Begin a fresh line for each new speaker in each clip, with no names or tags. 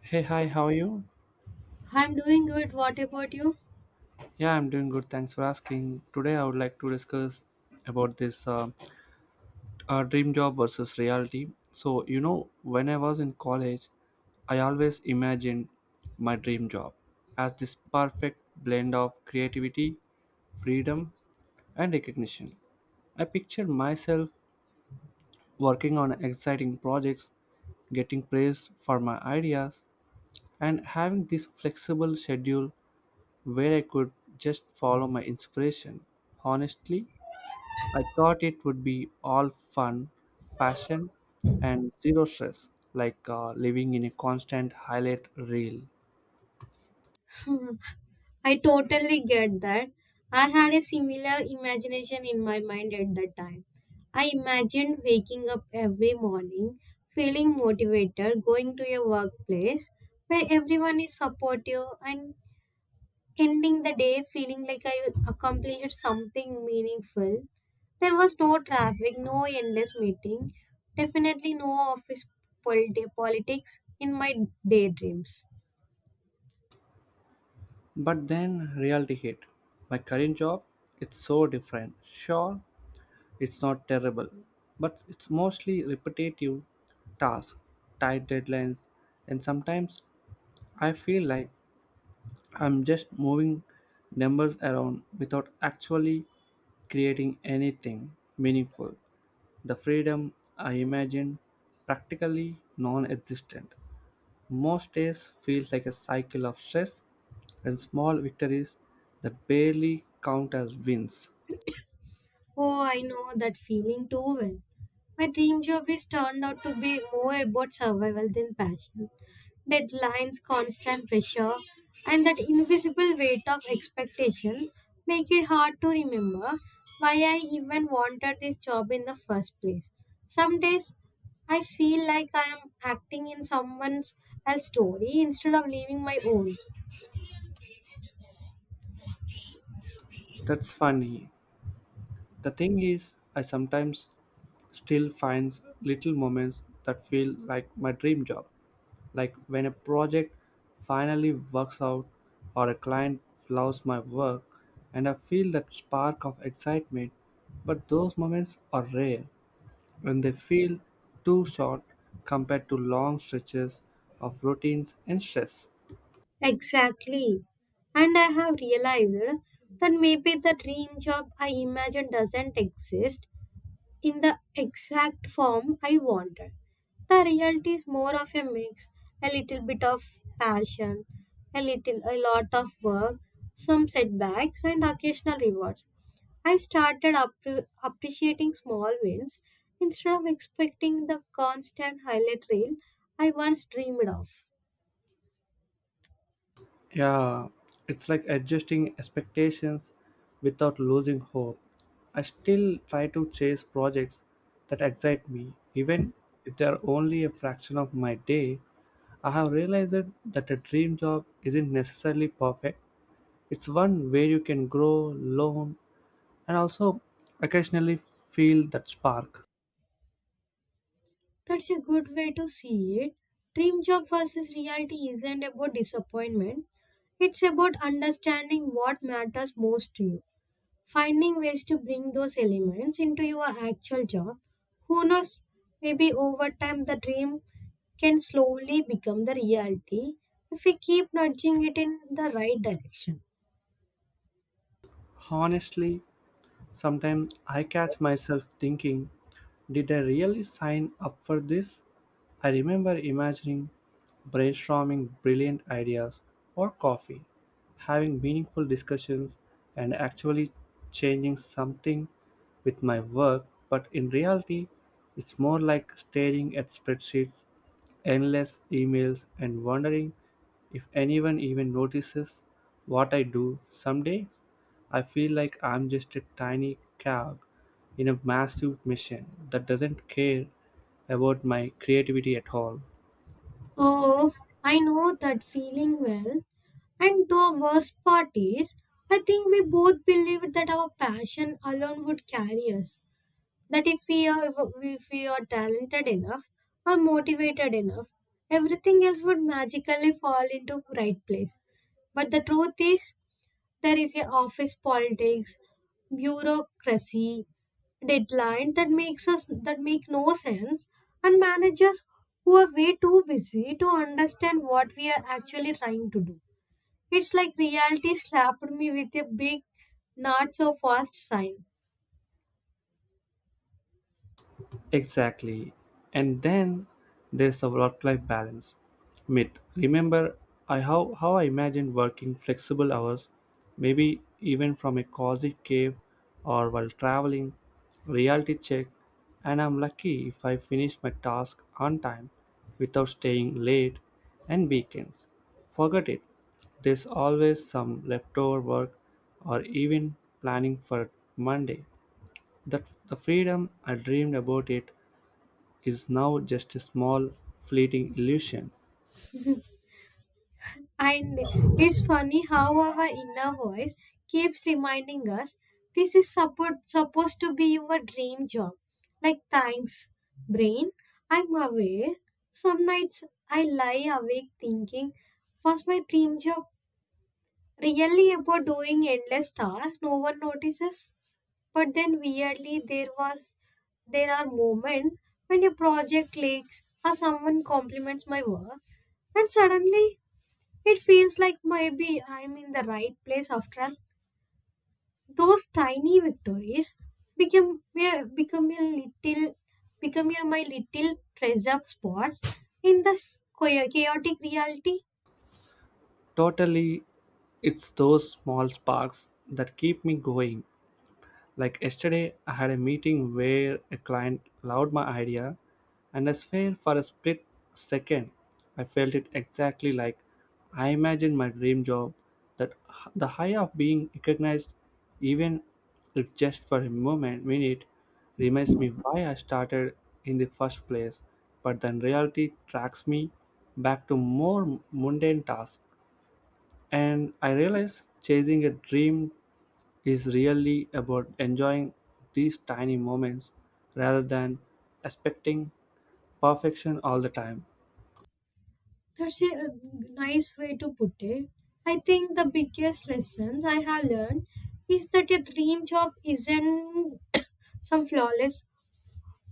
Hey, hi, how are you?
I'm doing good. What about you?
Yeah, I'm doing good. Thanks for asking. Today, I would like to discuss about this dream job versus reality. So, you know, when I was in college, I always imagined my dream job as this perfect blend of creativity, freedom, and recognition. I pictured myself working on exciting projects, getting praised for my ideas, and having this flexible schedule where I could just follow my inspiration. Honestly, I thought it would be all fun, passion, and zero stress, like living in a constant highlight reel.
Mhm. I totally get that. I had a similar imagination in my mind at that time. I imagined waking up every morning, feeling motivated, going to a workplace where everyone is supportive, and ending the day feeling like I accomplished something meaningful. There was no traffic, no endless meeting, definitely no office politics in my daydreams.
But then reality hit. My current job, it's so different. Sure, it's not terrible, but it's mostly repetitive tasks, tight deadlines, and sometimes I feel like I'm just moving numbers around without actually creating anything meaningful. The freedom I imagine practically non existent. Most days feels like a cycle of stress and small victories that barely count as wins.
Oh, I know that feeling too well. My dream job is turned out to be more about survival than passion. Deadlines, constant pressure, and that invisible weight of expectation make it hard to remember why I even wanted this job in the first place. Some days I feel like I am acting in someone else's story instead of living my own.
That's funny. The thing is, I sometimes still finds little moments that feel like my dream job, like when a project finally works out or a client loves my work and I feel that spark of excitement, but those moments are rare and they feel too short compared to long stretches of routines and stress.
Exactly. And I have realized that maybe the dream job I imagine doesn't exist in the exact form I wanted. The reality is more of a mix, a little bit of passion, a lot of work, some setbacks and occasional rewards. I started appreciating small wins instead of expecting the constant highlight reel I once dreamed of.
Yeah, it's like adjusting expectations without losing hope. I still try to chase projects that excite me, even if they are only a fraction of my day. I have realized that a dream job isn't necessarily perfect. It's one where you can grow, learn, and also occasionally feel that spark.
That's a good way to see it. Dream job versus reality isn't about disappointment, it's about understanding what matters most to you, finding ways to bring those elements into your actual job. Who knows, maybe over time the dream can slowly become the reality if we keep nudging it in the right direction.
Honestly, sometimes I catch myself thinking, did I really sign up for this? I remember imagining brainstorming brilliant ideas or coffee, having meaningful discussions, and actually changing something with my work, but in reality, it's more like staring at spreadsheets, endless emails, and wondering if anyone even notices what I do someday. I feel like I'm just a tiny cog in a massive machine that doesn't care about my creativity at all.
Oh, I know that feeling well. And the worst part is, I think we both believed that our passion alone would carry us, that if we are talented enough or motivated enough, everything else would magically fall into right place. But the truth is, there is a office politics, bureaucracy, deadline that makes us that make no sense, and managers who are way too busy to understand what we are actually trying to do. It's like reality slapped me with a big not so fast sign.
Exactly. And then there's a work life balance myth. Remember how I imagined working flexible hours, maybe even from a cozy cave or while traveling, reality check, and I'm lucky if I finish my task on time without staying late and weekends. Forget it. There's always some leftover work or even planning for Monday. That the freedom I dreamed about it is now just a small, fleeting illusion.
And it's funny how our inner voice keeps reminding us this is supposed to be your dream job. Like, thanks, brain, I'm aware. Some nights I lie awake thinking, was my dream job really about doing endless tasks no one notices? But then weirdly, there are moments when a project leaks or someone compliments my work and suddenly it feels like maybe I'm in the right place after all. Those tiny victories become, yeah, become a little become a- my little treasure spots in this chaotic reality.
Totally, it's those small sparks that keep me going. Like yesterday, I had a meeting where a client loved my idea, and I swear for a split second, I felt it exactly like I imagined my dream job, the high of being recognized, even if just for a moment, minute, reminds me why I started in the first place. But then reality tracks me back to more mundane tasks, and I realize chasing a dream is really about enjoying these tiny moments rather than expecting perfection all the time.
That's a nice way to put it. I think the biggest lessons I have learned is that a dream job isn't some flawless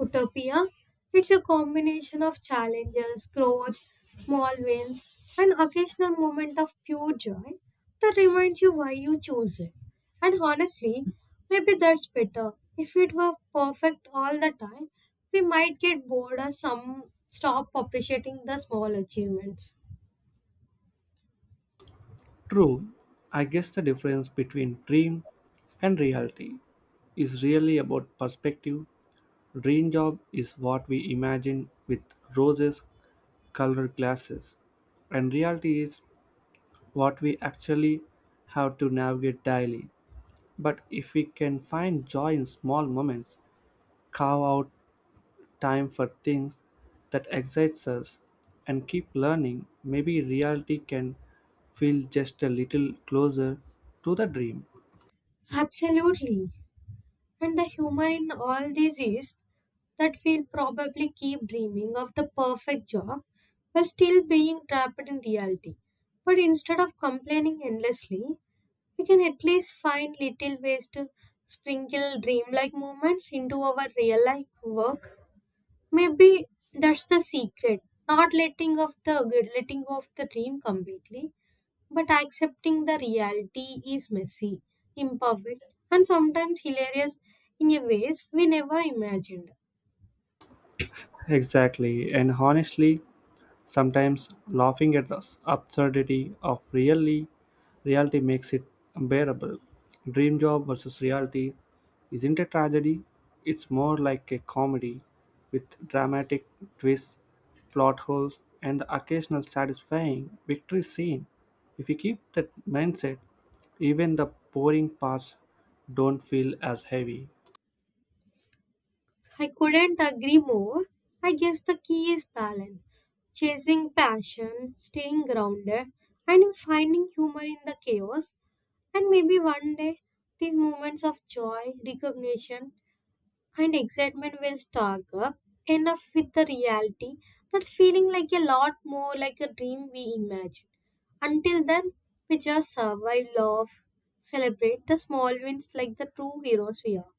utopia. It's a combination of challenges, growth, small wins, and occasional moment of pure joy that reminds you why you chose it. And honestly, maybe that's better. If it were perfect all the time, we might get bored or some stop appreciating the small achievements.
True, I guess the difference between dream and reality is really about perspective. Dream job is what we imagine with roses colored glasses, and reality is what we actually have to navigate daily. But if we can find joy in small moments, carve out time for things that excites us and keep learning, maybe reality can feel just a little closer to the dream.
Absolutely. And the humor in all this is that we'll probably keep dreaming of the perfect job while still being trapped in reality. But instead of complaining endlessly, we can at least find little ways to sprinkle dreamlike moments into our real life work. Maybe that's the secret, not letting go of the dream completely, but accepting the reality is messy, imperfect, and sometimes hilarious in a ways we never imagined.
Exactly, and honestly, sometimes laughing at the absurdity of really reality makes it bearable. Dream job versus reality isn't a tragedy, it's more like a comedy with dramatic twists, plot holes, and the occasional satisfying victory scene. If you keep that mindset, even the boring parts don't feel as heavy.
I couldn't agree more. I guess the key is balance, chasing passion, staying grounded, and finding humor in the chaos. And maybe one day, these moments of joy, recognition, and excitement will stock up enough with the reality that's feeling like a lot more like a dream we imagine. Until then, we just survive, love, celebrate the small wins like the true heroes we are.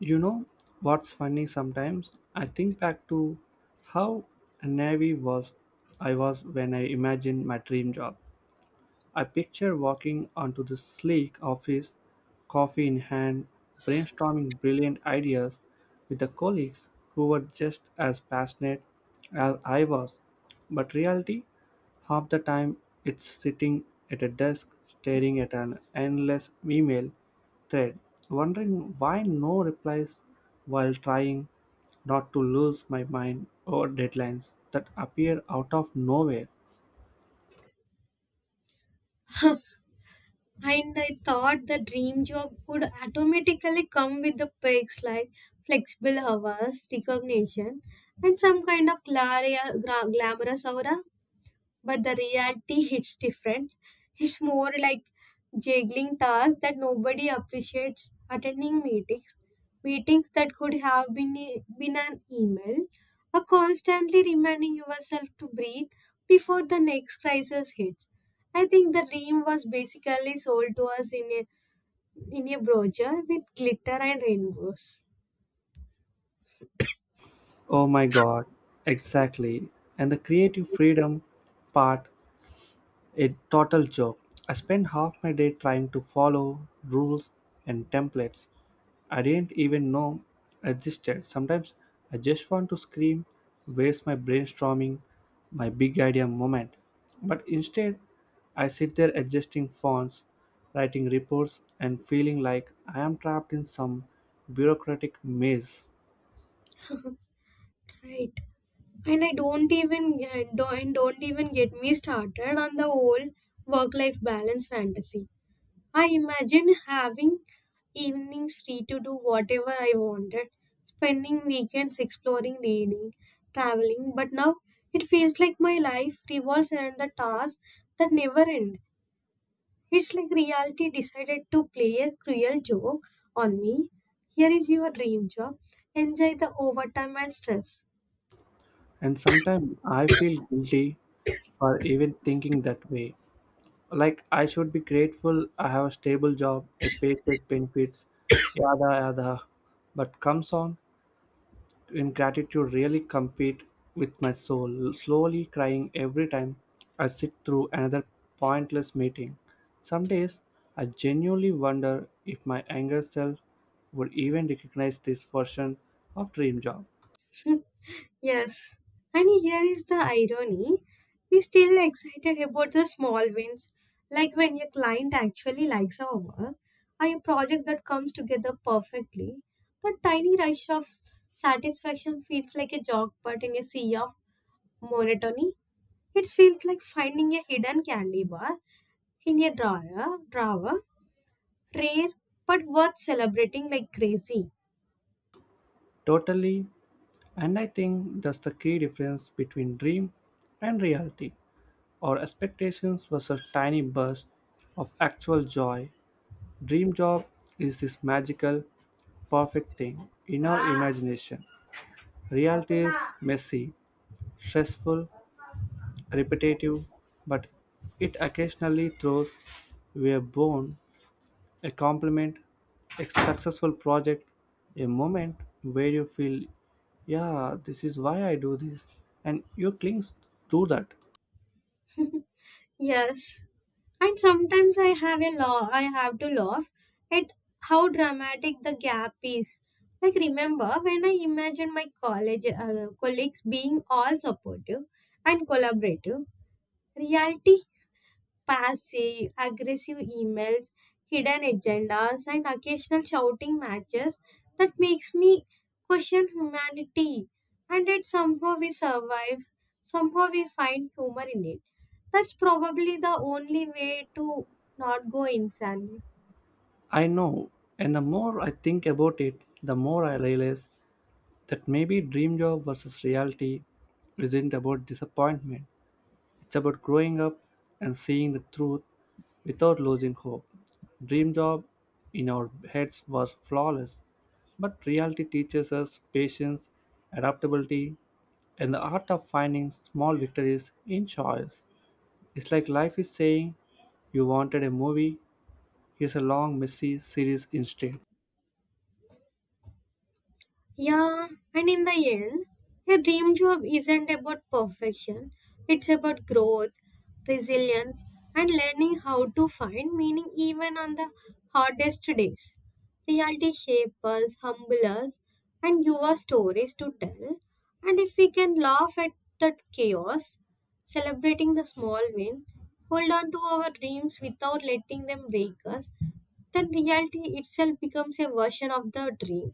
You know what's funny sometimes? I think back to how naive was I was when I imagined my dream job. I picture walking onto the sleek office, coffee in hand, brainstorming brilliant ideas with the colleagues who were just as passionate as I was. But reality, half the time, it's sitting at a desk staring at an endless email thread, wondering why no replies while trying not to lose my mind over deadlines that appear out of nowhere.
And I thought the dream job would automatically come with the perks like flexible hours, recognition, and some kind of glamorous aura. But the reality hits different. It's more like juggling tasks that nobody appreciates, attending meetings that could have been been an email, or constantly reminding yourself to breathe before the next crisis hits. I think the dream was basically sold to us in a brochure with glitter and rainbows.
Oh my god, exactly. And the creative freedom part, a total joke. I spent half my day trying to follow rules and templates. I didn't even know existed. Sometimes I just want to scream, waste my brainstorming, my big idea moment. But instead, I sit there adjusting fonts, writing reports, and feeling like I am trapped in some bureaucratic maze.
Right. And I don't even get me started on the whole work life balance fantasy. I imagine having evenings free to do whatever I wanted, spending weekends exploring, reading, traveling, but now it feels like my life revolves around the tasks that never end. It's like reality decided to play a cruel joke on me. Here is your dream job. Enjoy the overtime and stress.
And sometimes I feel guilty for even thinking that way. Like I should be grateful I have a stable job, a paycheck benefits, yada yada. But comes on ingratitude really compete with my soul, slowly crying every time I sit through another pointless meeting. Some days I genuinely wonder if my younger self would even recognize this version of dream job.
Yes, and here is the irony. We still excited about the small wins, like when your client actually likes our work, or a project that comes together perfectly. That tiny rush of satisfaction feels like a jog, but in a sea of monotony, it feels like finding a hidden candy bar in a drawer, rare but worth celebrating like crazy.
Totally, and I think that's the key difference between dream and reality. Our expectations was a tiny burst of actual joy. Dream job is this magical, perfect thing in our imagination. Reality is messy, stressful, repetitive, but it occasionally throws a bone, a compliment, a successful project, a moment where you feel, yeah, this is why I do this, and you cling to that.
Yes. And sometimes I have to laugh at how dramatic the gap is. Like remember when I imagined my college colleagues being all supportive and collaborative, reality, passive aggressive emails, hidden agendas, and occasional shouting matches that makes me question humanity. And yet somehow we survive, somehow we find humor in it. That's probably the only way to not go insane.
I know, and the more I think about it, the more I realize that maybe dream job versus reality isn't about disappointment. It's about growing up and seeing the truth without losing hope. Dream job in our heads was flawless, but reality teaches us patience, adaptability, and the art of finding small victories in choice. It's like life is saying, you wanted a movie, here's a long, messy series instead.
Yeah, and in the end, a dream job isn't about perfection, it's about growth, resilience, and learning how to find meaning even on the hardest days. Reality shapes us, humble us, and give us stories to tell. And if we can laugh at that chaos, celebrating the small win, hold on to our dreams without letting them break us, then reality itself becomes a version of the dream,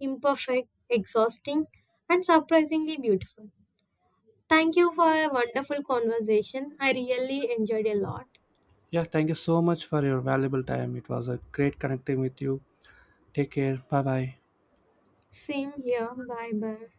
imperfect, exhausting, and surprisingly beautiful. Thank you for a wonderful conversation. I really enjoyed a lot.
Yeah, thank you so much for your valuable time. It was a great connecting with you. Take care. Bye bye.
Same here. Bye bye.